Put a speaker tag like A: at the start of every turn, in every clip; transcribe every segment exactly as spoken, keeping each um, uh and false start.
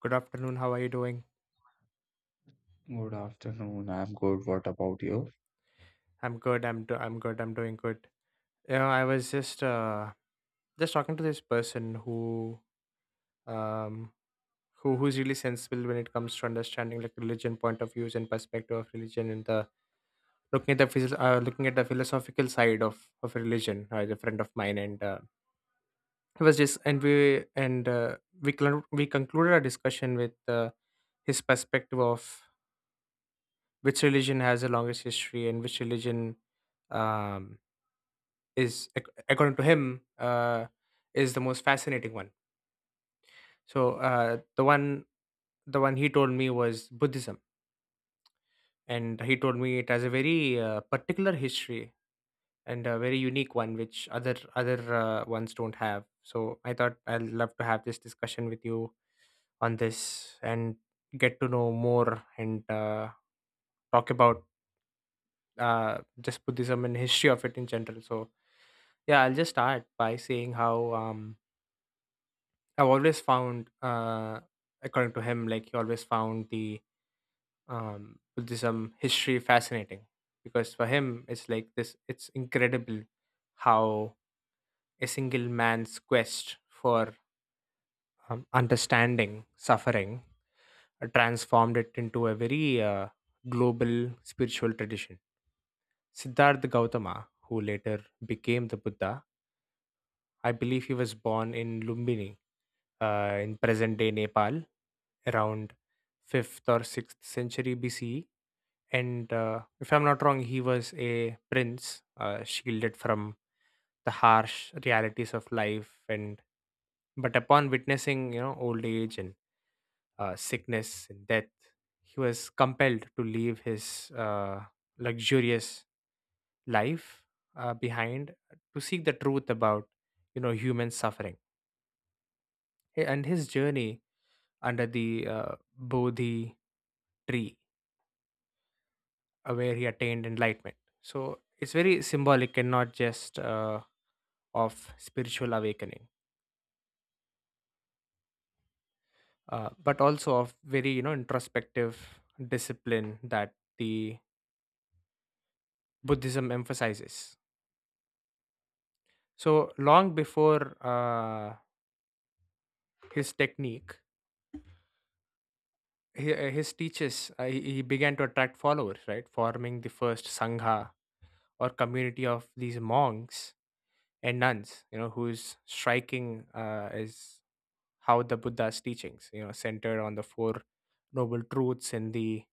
A: Good afternoon. How are you doing?
B: Good afternoon. I'm good. What about you?
A: I'm good. I'm do- I'm good. I'm doing good. You know, I was just uh just talking to this person who um who who's really sensible when it comes to understanding like religion point of views and perspective of religion and the looking at the phys- uh, looking at the philosophical side of of religion. Uh, is a friend of mine and uh, it was just and we and uh, we cl- we concluded our discussion with uh, his perspective of which religion has the longest history and which religion um, is ac- according to him uh, is the most fascinating one. So uh, the one the one he told me was Buddhism, and he told me it has a very uh, particular history and a very unique one which other other uh, ones don't have. So I thought I'd love to have this discussion with you on this and get to know more and uh, talk about uh, just Buddhism and history of it in general. so Yeah, I'll just start by saying how um, I've always found, uh, according to him, like he always found the um, Buddhism history fascinating because for him, it's like this it's incredible how a single man's quest for um, understanding suffering uh, transformed it into a very uh, global spiritual tradition. Siddhartha Gautama, who later became the Buddha, I believe he was born in Lumbini uh, in present day Nepal, around fifth or sixth century B C E. And uh, if I'm not wrong, he was a prince uh, shielded from the harsh realities of life. And But upon witnessing, you know, old age and uh, sickness and death, he was compelled to leave his uh, luxurious life uh, behind to seek the truth about you know human suffering. A- and his journey under the uh, Bodhi tree uh, where he attained enlightenment. So it's very symbolic and not just uh, of spiritual awakening, uh, but also of very you know introspective discipline that the Buddhism emphasizes. So long before uh, his technique, he, uh, his teaches uh, he he began to attract followers, right? Forming the first sangha or community of these monks and nuns, you know, whose striking uh, is how the Buddha's teachings, you know, centered on the four noble truths and the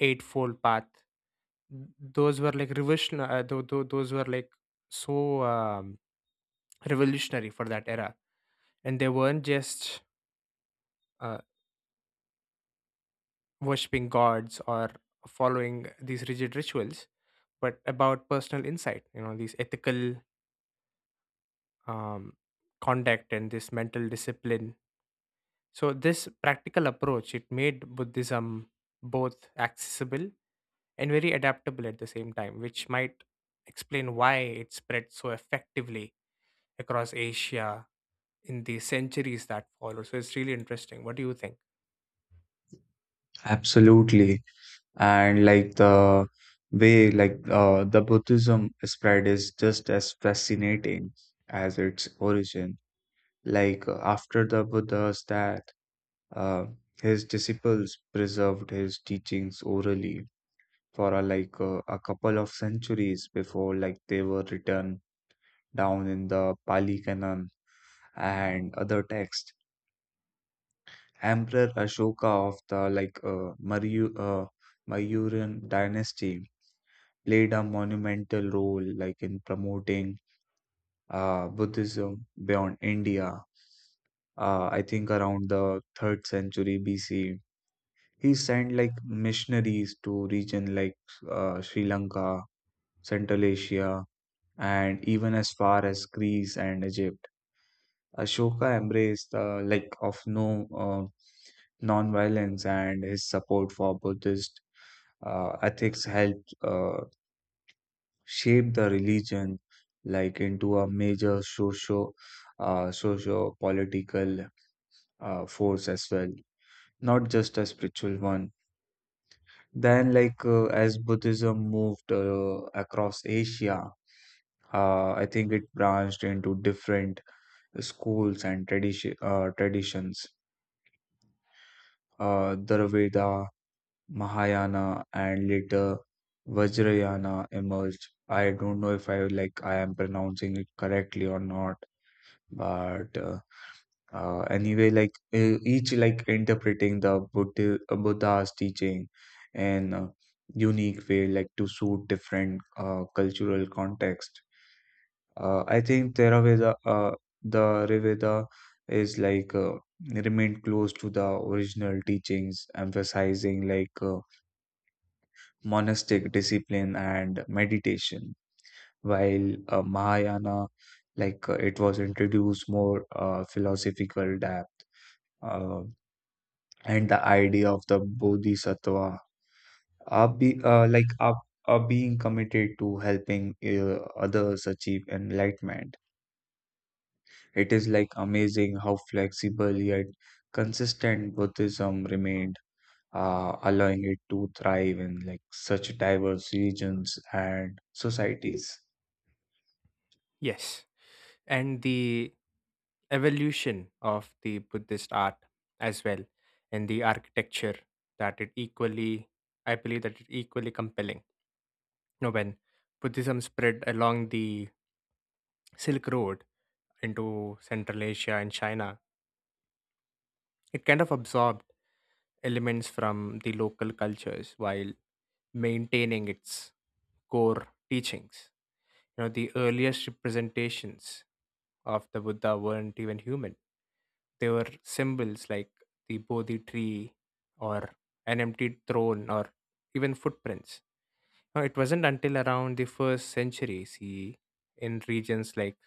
A: eightfold path. Those were like revolutionary. Uh, tho- tho- those were like so um, revolutionary for that era, and they weren't just uh, worshiping gods or following these rigid rituals, but about personal insight. You know, these ethical um, conduct and this mental discipline. So this practical approach it made Buddhism both accessible and very adaptable at the same time, which might explain why it spread so effectively across Asia in the centuries that follow. So it's really interesting. What do you think?
B: Absolutely. And like the way like uh, the Buddhism spread is just as fascinating as its origin. Like uh, after the Buddha's death, uh, his disciples preserved his teachings orally for a, like uh, a couple of centuries before like they were written down in the Pali Canon and other texts. Emperor Ashoka of the like uh, Maryu, uh, Mauryan dynasty played a monumental role like in promoting uh, Buddhism beyond India. Uh, I think around the third century B C, he sent like missionaries to region like uh, Sri Lanka, Central Asia, and even as far as Greece and Egypt. Ashoka embraced the like of no uh, nonviolence, and his support for Buddhist uh, ethics helped uh, shape the religion like into a major socio uh, socio political uh, force as well, not just a spiritual one. Then, like uh, as Buddhism moved uh, across Asia, uh, I think it branched into different schools and tradition uh, traditions. Uh, the Veda, Mahayana, and later Vajrayana emerged. I don't know if I like I am pronouncing it correctly or not, but uh, uh, anyway, like e- each like interpreting the Buddha, Buddha's teaching in a unique way, like to suit different uh, cultural context. Uh, I think Theravada, uh, the Reveda is like uh, remained close to the original teachings, emphasizing like. Uh, monastic discipline and meditation, while uh, Mahayana, like uh, it was introduced more uh, philosophical depth uh, and the idea of the bodhisattva are be, uh, like are, are being committed to helping uh, others achieve enlightenment. It is like amazing how flexible yet consistent Buddhism remained, uh, allowing it to thrive in like such diverse regions and societies.
A: Yes. And the evolution of the Buddhist art as well, and the architecture that it equally, I believe that it equally compelling. You know, when Buddhism spread along the Silk Road into Central Asia and China, it kind of absorbed elements from the local cultures while maintaining its core teachings. You know, the earliest representations of the Buddha weren't even human. They were symbols like the Bodhi tree or an empty throne or even footprints. Now, it wasn't until around the first century C E in regions like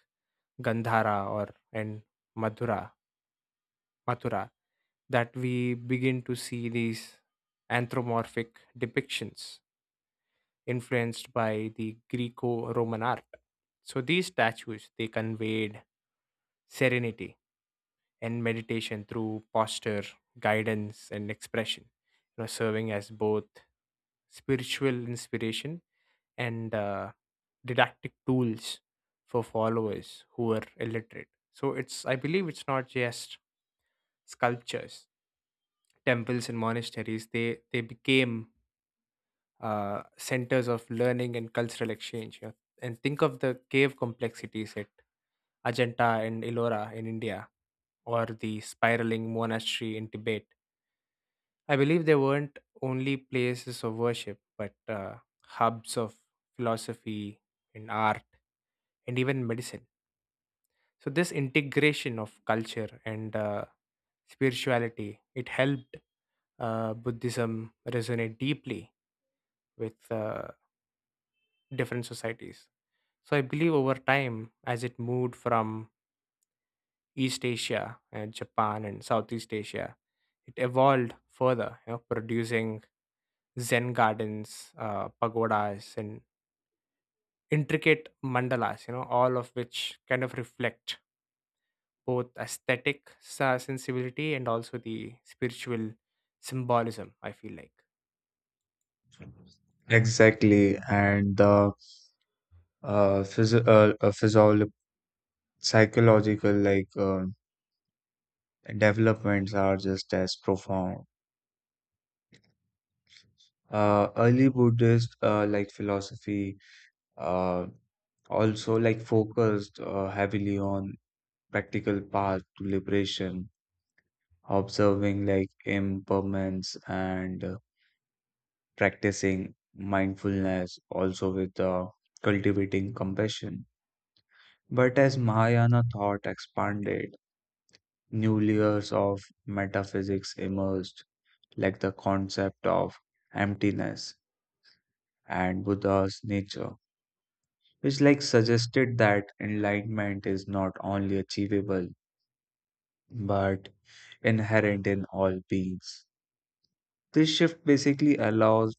A: Gandhara or and Madhura, Mathura, that we begin to see these anthropomorphic depictions influenced by the Greco-Roman art. So these statues they conveyed serenity and meditation through posture, guidance, and expression, you know, serving as both spiritual inspiration and uh, didactic tools for followers who were illiterate. So it's I believe it's not just sculptures, temples and monasteries. They they became uh, centers of learning and cultural exchange. You And think of the cave complexities at Ajanta and Ellora in India, or the spiraling monastery in Tibet. I believe they weren't only places of worship, but uh, hubs of philosophy and art and even medicine. So this integration of culture and uh, spirituality it helped uh, Buddhism resonate deeply with uh, different societies. So I believe over time, as it moved from East Asia and Japan and Southeast Asia, it evolved further, you know, producing Zen gardens, uh, pagodas, and intricate mandalas, you know, all of which kind of reflect both aesthetic sa- sensibility and also the spiritual symbolism, I feel like.
B: Exactly. And the uh, physio uh, uh, physiolo- psychological like uh, developments are just as profound. Uh, early Buddhist uh, like philosophy uh, also like focused uh, heavily on practical path to liberation, observing like impermanence and uh, practicing mindfulness, also with uh, cultivating compassion. But as Mahayana thought expanded, new layers of metaphysics emerged, like the concept of emptiness and Buddha's nature, which like suggested that enlightenment is not only achievable but inherent in all beings. This shift basically allows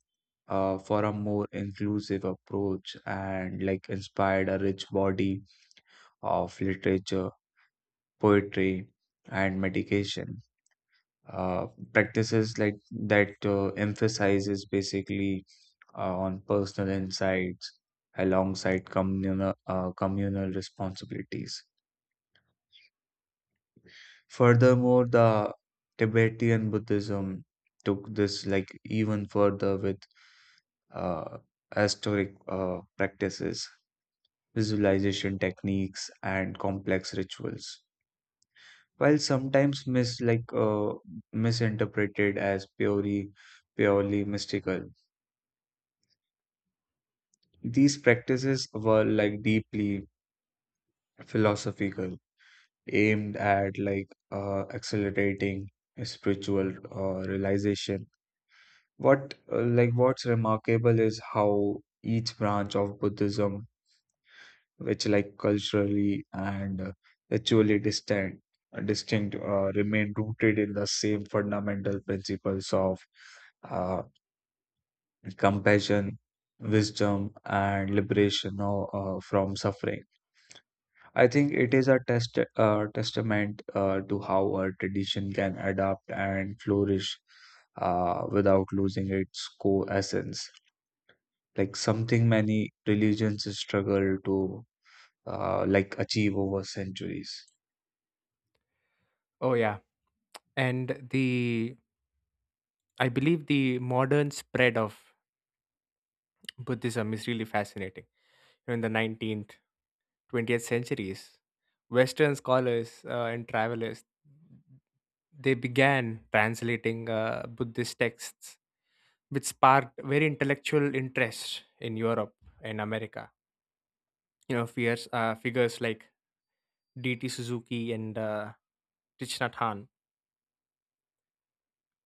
B: uh, for a more inclusive approach and like inspired a rich body of literature, poetry, and meditation uh, practices like that uh, emphasizes basically uh, on personal insights alongside communal uh, communal responsibilities. Furthermore, the Tibetan Buddhism took this like even further with uh, ascetic uh, practices, visualization techniques, and complex rituals. While sometimes mis like uh, misinterpreted as purely purely mystical, these practices were like deeply philosophical, aimed at like uh, accelerating spiritual uh, realization. What uh, like what's remarkable is how each branch of Buddhism, which like culturally and uh, ritually distinct, distinct uh, remain rooted in the same fundamental principles of uh, compassion, wisdom, and liberation uh, uh, from suffering. I think it is a test, uh, testament uh, to how a tradition can adapt and flourish uh, without losing its core essence. Like something many religions struggle to uh, like achieve over centuries.
A: Oh, yeah. And the, I believe the modern spread of Buddhism is really fascinating. You know, in the nineteenth, twentieth centuries, Western scholars uh, and travelers, they began translating uh, Buddhist texts, which sparked very intellectual interest in Europe and America. You know fierce uh, figures like DT Suzuki and uh, Tichnathan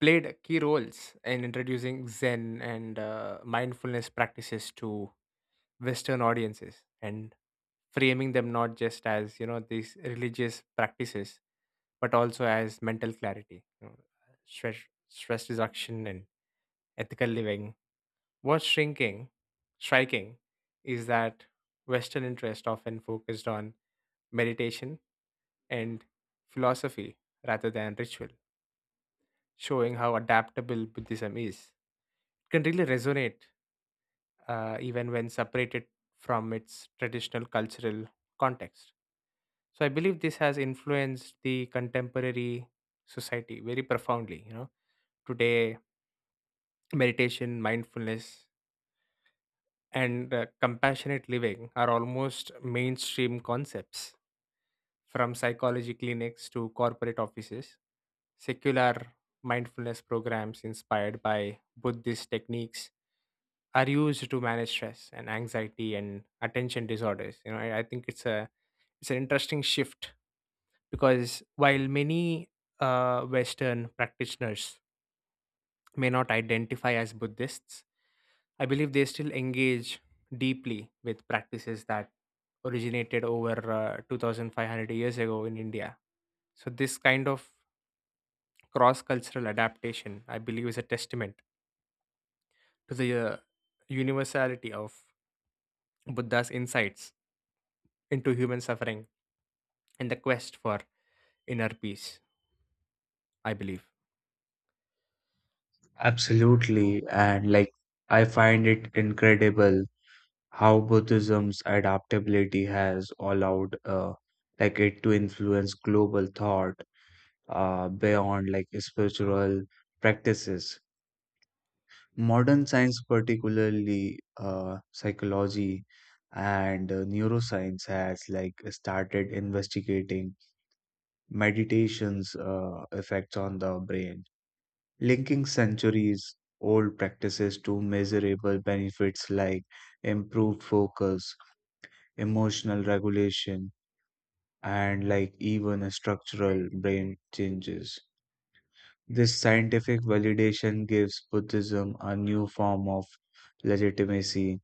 A: played key roles in introducing Zen and uh, mindfulness practices to Western audiences and framing them not just as you know these religious practices but also as mental clarity, you know, stress, stress reduction, and ethical living. What's shrinking, striking, is that Western interest often focused on meditation and philosophy rather than ritual, showing how adaptable Buddhism is. It can really resonate uh, even when separated from its traditional cultural context. So I believe this has influenced the contemporary society very profoundly. You know, today meditation, mindfulness, and uh, compassionate living are almost mainstream concepts, from psychology clinics to corporate offices. Secular mindfulness programs inspired by Buddhist techniques are used to manage stress and anxiety and attention disorders. You know, I, I think it's a it's an interesting shift because while many uh, Western practitioners may not identify as Buddhists, I believe they still engage deeply with practices that originated over uh, two thousand five hundred years ago in India. So this kind of cross cultural adaptation, I believe, is a testament to the uh, universality of Buddha's insights into human suffering and the quest for inner peace, I believe.
B: Absolutely, and like I find it incredible how Buddhism's adaptability has allowed uh, like it to influence global thought uh, beyond like spiritual practices. Modern science, particularly uh, psychology and uh, neuroscience, has like started investigating meditation's uh, effects on the brain, linking centuries old practices to measurable benefits like improved focus, emotional regulation, and like even structural brain changes. This scientific validation gives Buddhism a new form of legitimacy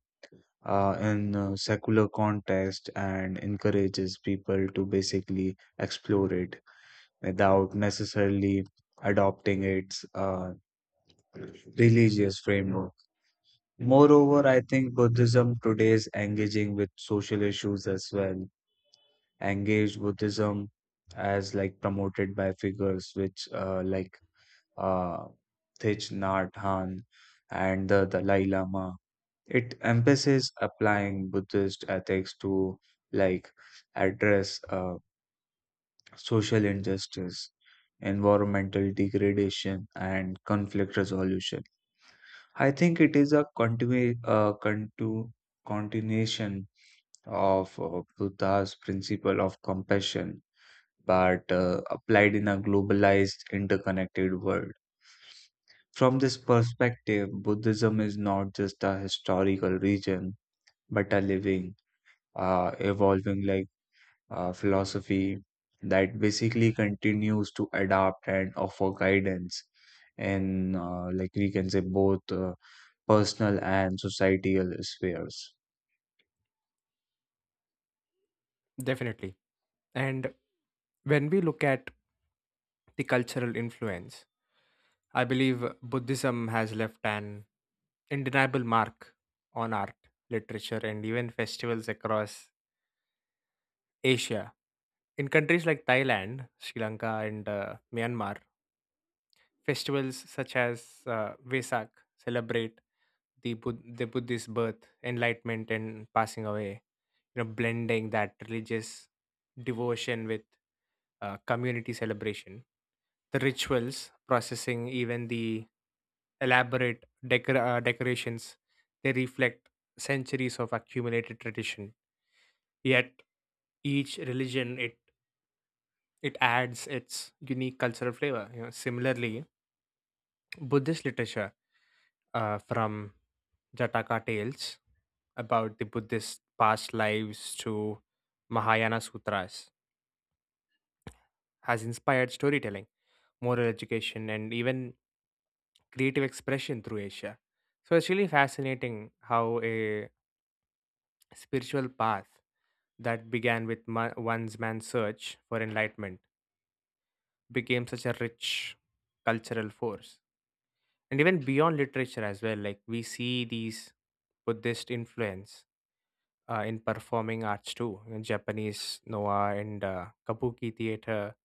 B: uh, in a secular context and encourages people to basically explore it without necessarily adopting its uh, religious framework. Moreover, I think Buddhism today is engaging with social issues as well. Engaged Buddhism, as like promoted by figures which uh, like uh, Thich Nhat Hanh and the Dalai Lama, it emphasizes applying Buddhist ethics to like address uh, social injustice, environmental degradation, and conflict resolution. I think it is a continu- uh, contu- continuation of uh, Buddha's principle of compassion, but uh, applied in a globalized, interconnected world. From this perspective, Buddhism is not just a historical religion, but a living, uh, evolving like uh, philosophy that basically continues to adapt and offer guidance in uh, like we can say both uh, personal and societal spheres.
A: Definitely. And when we look at the cultural influence, I believe Buddhism has left an indeniable mark on art, literature, and even festivals across Asia. In countries like Thailand, Sri Lanka, and uh, Myanmar, festivals such as uh, Vesak celebrate the, Bud- the Buddhist birth, enlightenment, and passing away, you know, blending that religious devotion with uh, community celebration. The rituals, processing, even the elaborate decor- uh, decorations, they reflect centuries of accumulated tradition. Yet each religion it it adds its unique cultural flavor. You know, similarly, Buddhist literature uh, from Jataka Tales about the Buddhist past lives to Mahayana Sutras has inspired storytelling, moral education, and even creative expression through Asia. So it's really fascinating how a spiritual path that began with ma- one's man's search for enlightenment became such a rich cultural force. And even beyond literature as well, like we see these Buddhist influence uh, in performing arts too. You know, Japanese Noa and uh, Kabuki theater,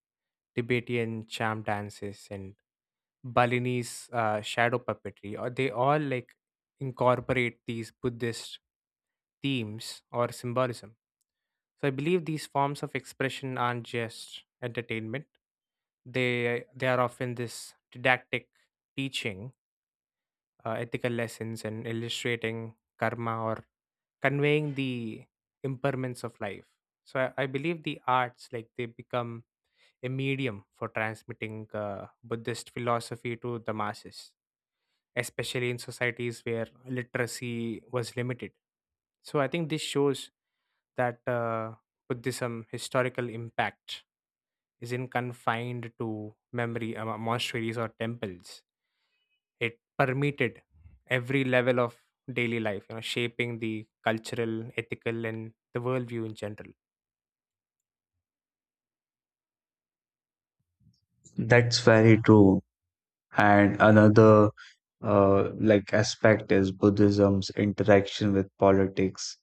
A: Tibetan cham dances, and Balinese uh, shadow puppetry. Or they all like incorporate these Buddhist themes or symbolism. So I believe these forms of expression aren't just entertainment. They they are often this didactic teaching uh, ethical lessons and illustrating karma or conveying the impermanence of life. So I, I believe the arts, like they become a medium for transmitting uh, Buddhist philosophy to the masses, especially in societies where literacy was limited. So I think this shows that uh, Buddhism historical impact isn't confined to memory uh, monasteries or temples, it permeated every level of daily life, you know, shaping the cultural, ethical, and the worldview in general.
B: That's very true. And another uh, like aspect is Buddhism's interaction with politics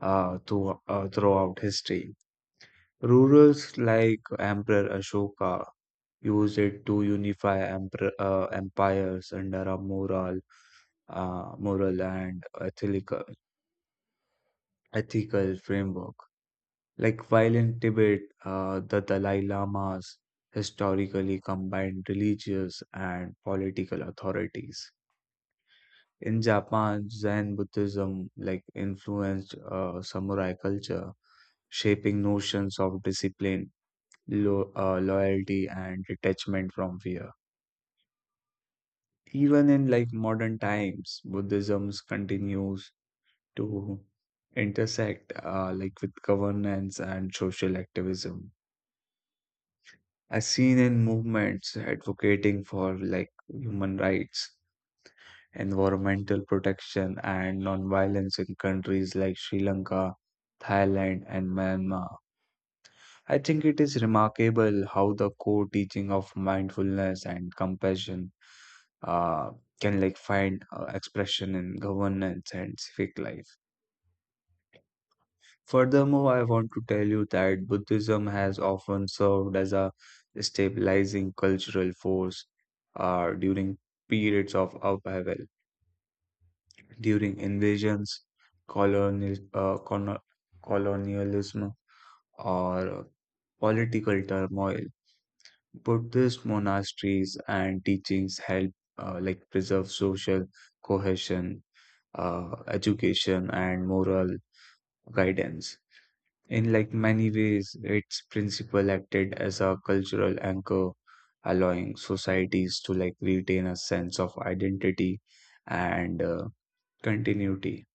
B: uh, through, uh, throughout history. Rulers like Emperor Ashoka use it to unify emper- uh, empires under a moral, uh, moral and ethical, ethical framework. Like while in Tibet, uh, the Dalai Lamas historically combined religious and political authorities. In Japan, Zen Buddhism like influenced uh, samurai culture, shaping notions of discipline, lo- uh, loyalty, and detachment from fear. Even in like modern times, Buddhism continues to intersect uh, like with governance and social activism, as seen in movements advocating for like human rights, environmental protection, and non-violence in countries like Sri Lanka, Thailand, and Myanmar. I think it is remarkable how the core teaching of mindfulness and compassion uh, can like find uh, expression in governance and civic life. Furthermore, I want to tell you that Buddhism has often served as a stabilizing cultural force uh, during periods of upheaval, during invasions, colonial, uh, cono- colonialism, or political turmoil. Buddhist monasteries and teachings help uh, like preserve social cohesion, uh, education, and moral guidance. In like many ways, its principle acted as a cultural anchor, allowing societies to like retain a sense of identity and uh, continuity.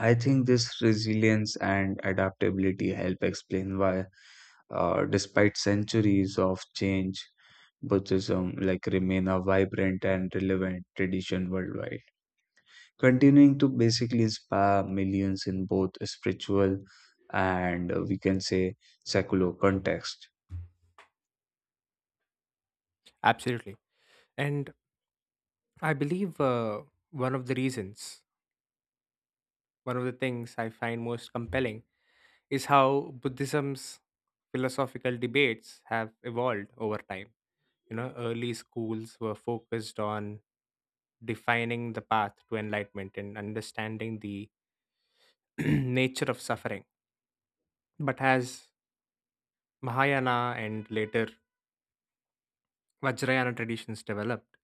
B: I think this resilience and adaptability help explain why, uh, despite centuries of change, Buddhism like remain a vibrant and relevant tradition worldwide, continuing to basically inspire millions in both spiritual and uh, we can say secular context.
A: Absolutely. And I believe uh, one of the reasons, one of the things I find most compelling is how Buddhism's philosophical debates have evolved over time. You know, early schools were focused on defining the path to enlightenment and understanding the nature of suffering. But as Mahayana and later Vajrayana traditions developed,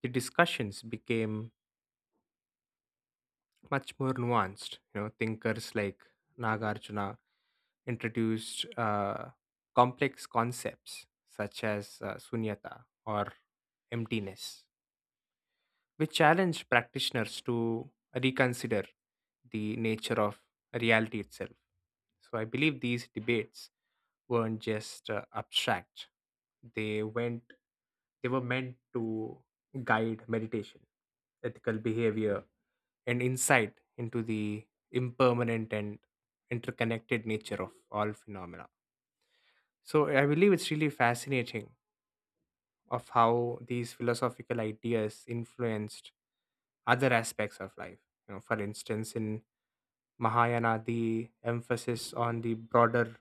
A: the discussions became much more nuanced. You know, thinkers like Nagarjuna introduced uh, complex concepts such as uh, sunyata or emptiness, which challenge practitioners to reconsider the nature of reality itself. So I believe these debates weren't just uh, abstract. They went they were meant to guide meditation, ethical behavior, and insight into the impermanent and interconnected nature of all phenomena. So I believe it's really fascinating of how these philosophical ideas influenced other aspects of life. You know, for instance, in Mahayana, the emphasis on the broader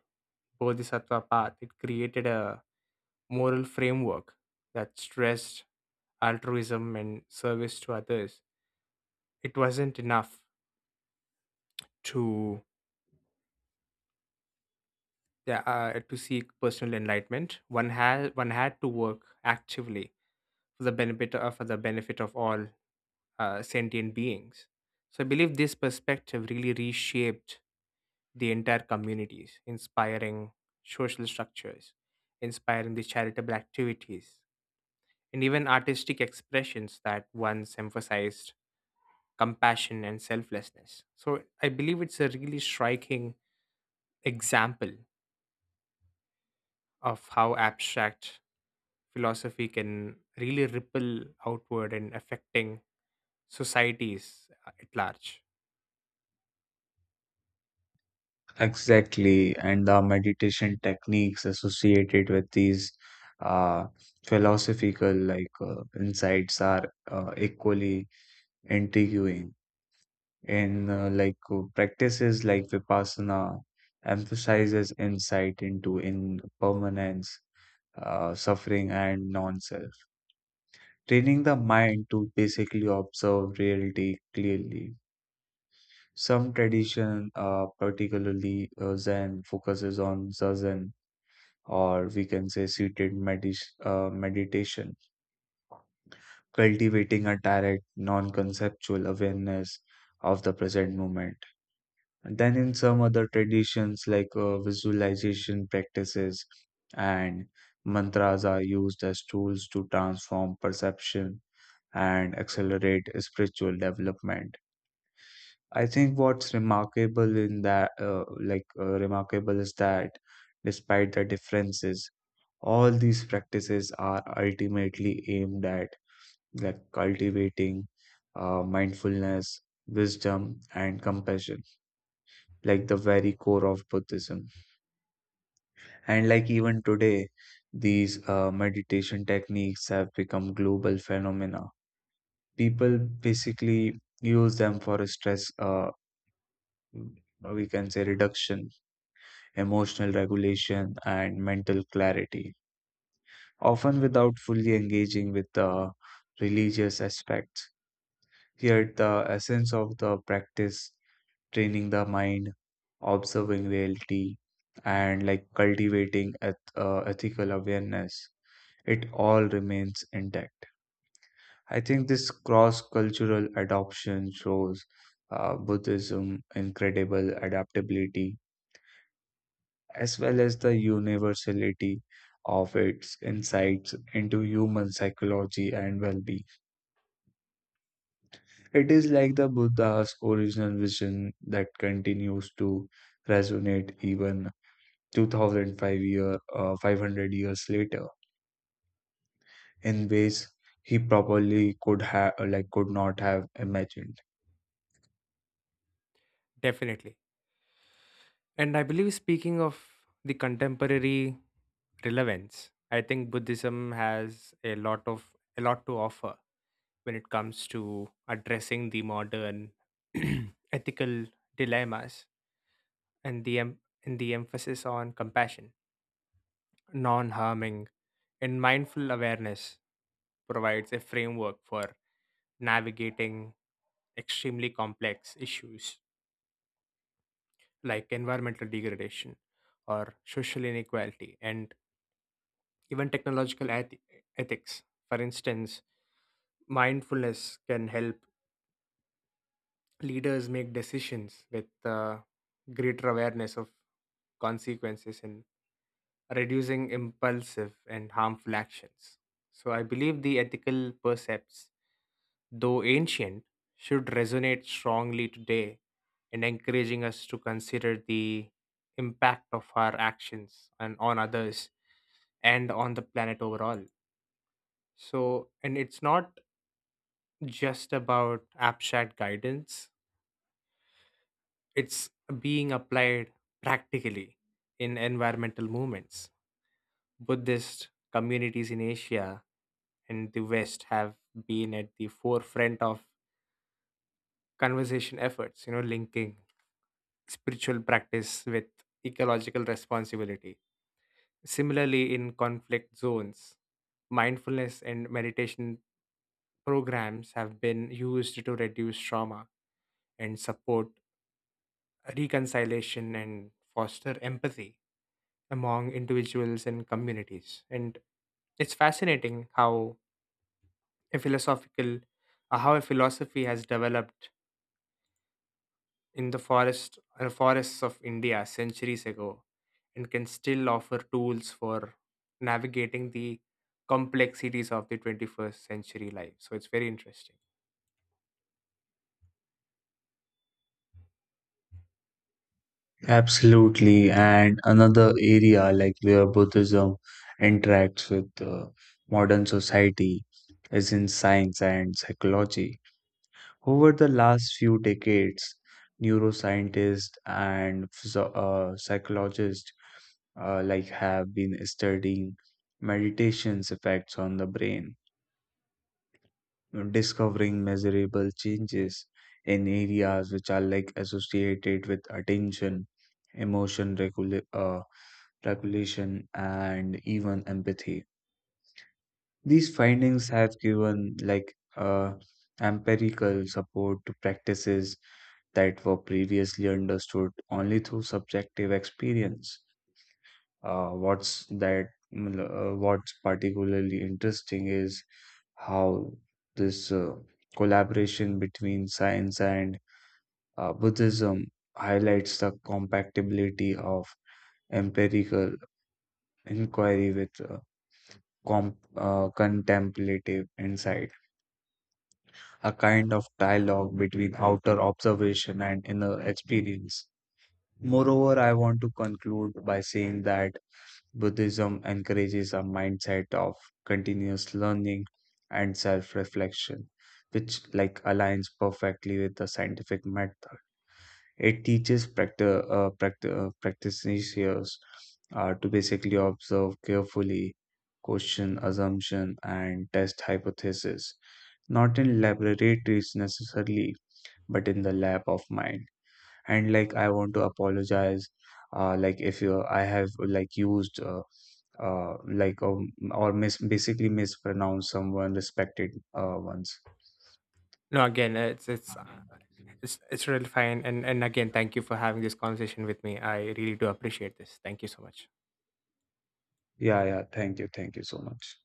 A: bodhisattva path it created a moral framework that stressed altruism and service to others. It wasn't enough to yeah, uh, to seek personal enlightenment. One had one had to work actively for the benefit of for the benefit of all uh, sentient beings. So I believe this perspective really reshaped the entire communities, inspiring social structures, inspiring the charitable activities, and even artistic expressions that once emphasized compassion and selflessness. So I believe it's a really striking example of how abstract philosophy can really ripple outward and affecting societies uh, at large.
B: Exactly, and the meditation techniques associated with these uh, philosophical like uh, insights are uh, equally intriguing. In uh, like uh, practices like vipassana, emphasizes insight into impermanence, uh, suffering, and non-self, training the mind to basically observe reality clearly. Some tradition, uh, particularly uh, Zen, focuses on zazen, or we can say seated medit uh, meditation, cultivating a direct, non-conceptual awareness of the present moment. And then, in some other traditions like uh, visualization practices and mantras are used as tools to transform perception and accelerate spiritual development. I think what's remarkable in that, uh, like, uh, remarkable is that despite the differences, all these practices are ultimately aimed at like cultivating uh, mindfulness, wisdom, and compassion, like the very core of Buddhism. And like even today, these uh, meditation techniques have become global phenomena. People basically use them for stress, uh, we can say reduction, emotional regulation, and mental clarity, often without fully engaging with the religious aspects. Yet, the essence of the practice, training the mind, observing reality, and like cultivating eth- uh, ethical awareness, it all remains intact. I think this cross cultural adoption shows uh, Buddhism incredible adaptability as well as the universality of its insights into human psychology and well being. It is like the Buddha's original vision that continues to resonate even twenty oh five year, uh, five hundred years later in ways he probably could have like could not have imagined.
A: Definitely. And I believe, speaking of the contemporary relevance, I think Buddhism has a lot of a lot to offer when it comes to addressing the modern ethical dilemmas, and the em- and the emphasis on compassion, non-harming, and mindful awareness provides a framework for navigating extremely complex issues like environmental degradation or social inequality, and even technological eth- ethics. For instance, mindfulness can help leaders make decisions with uh, greater awareness of consequences and reducing impulsive and harmful actions. So I believe the ethical precepts, though ancient, should resonate strongly today in encouraging us to consider the impact of our actions and on others and on the planet overall. So, and it's not just about abstract guidance, it's being applied practically in environmental movements. Buddhist communities in Asia and the West have been at the forefront of conversation efforts, you know, linking spiritual practice with ecological responsibility. Similarly, in conflict zones, mindfulness and meditation programs have been used to reduce trauma and support reconciliation and foster empathy among individuals and communities. And it's fascinating how a philosophical uh, how a philosophy has developed in the forest uh, forests of India centuries ago and can still offer tools for navigating the complexities of the twenty-first century life. So it's very interesting.
B: Absolutely. And another area like where Buddhism interacts with uh, modern society is in science and psychology. Over the last few decades, neuroscientists and physio- uh, psychologists uh, like have been studying meditation's effects on the brain, discovering measurable changes in areas which are like associated with attention, emotion regulation regulation, and even empathy. These findings have given like uh, empirical support to practices that were previously understood only through subjective experience. Uh, what's that? Uh, what's particularly interesting is how this uh, collaboration between science and uh, Buddhism highlights the compatibility of empirical inquiry with uh, com uh, contemplative insight, a kind of dialogue between outer observation and inner experience. Moreover, I want to conclude by saying that Buddhism encourages a mindset of continuous learning and self reflection, which like aligns perfectly with the scientific method. It teaches practi- uh, practi- uh, practitioners uh, to basically observe carefully, question assumption, and test hypothesis, not in laboratories necessarily, but in the lab of mind. And like I want to apologize, uh, like if you I have like used. Uh, uh, like um, or mis basically mispronounced someone respected uh, once.
A: No, again, uh, it's it's uh, it's, it's really fine. And and again, thank you for having this conversation with me. I really do appreciate this. Thank you so much.
B: Yeah, yeah. Thank you, thank you so much.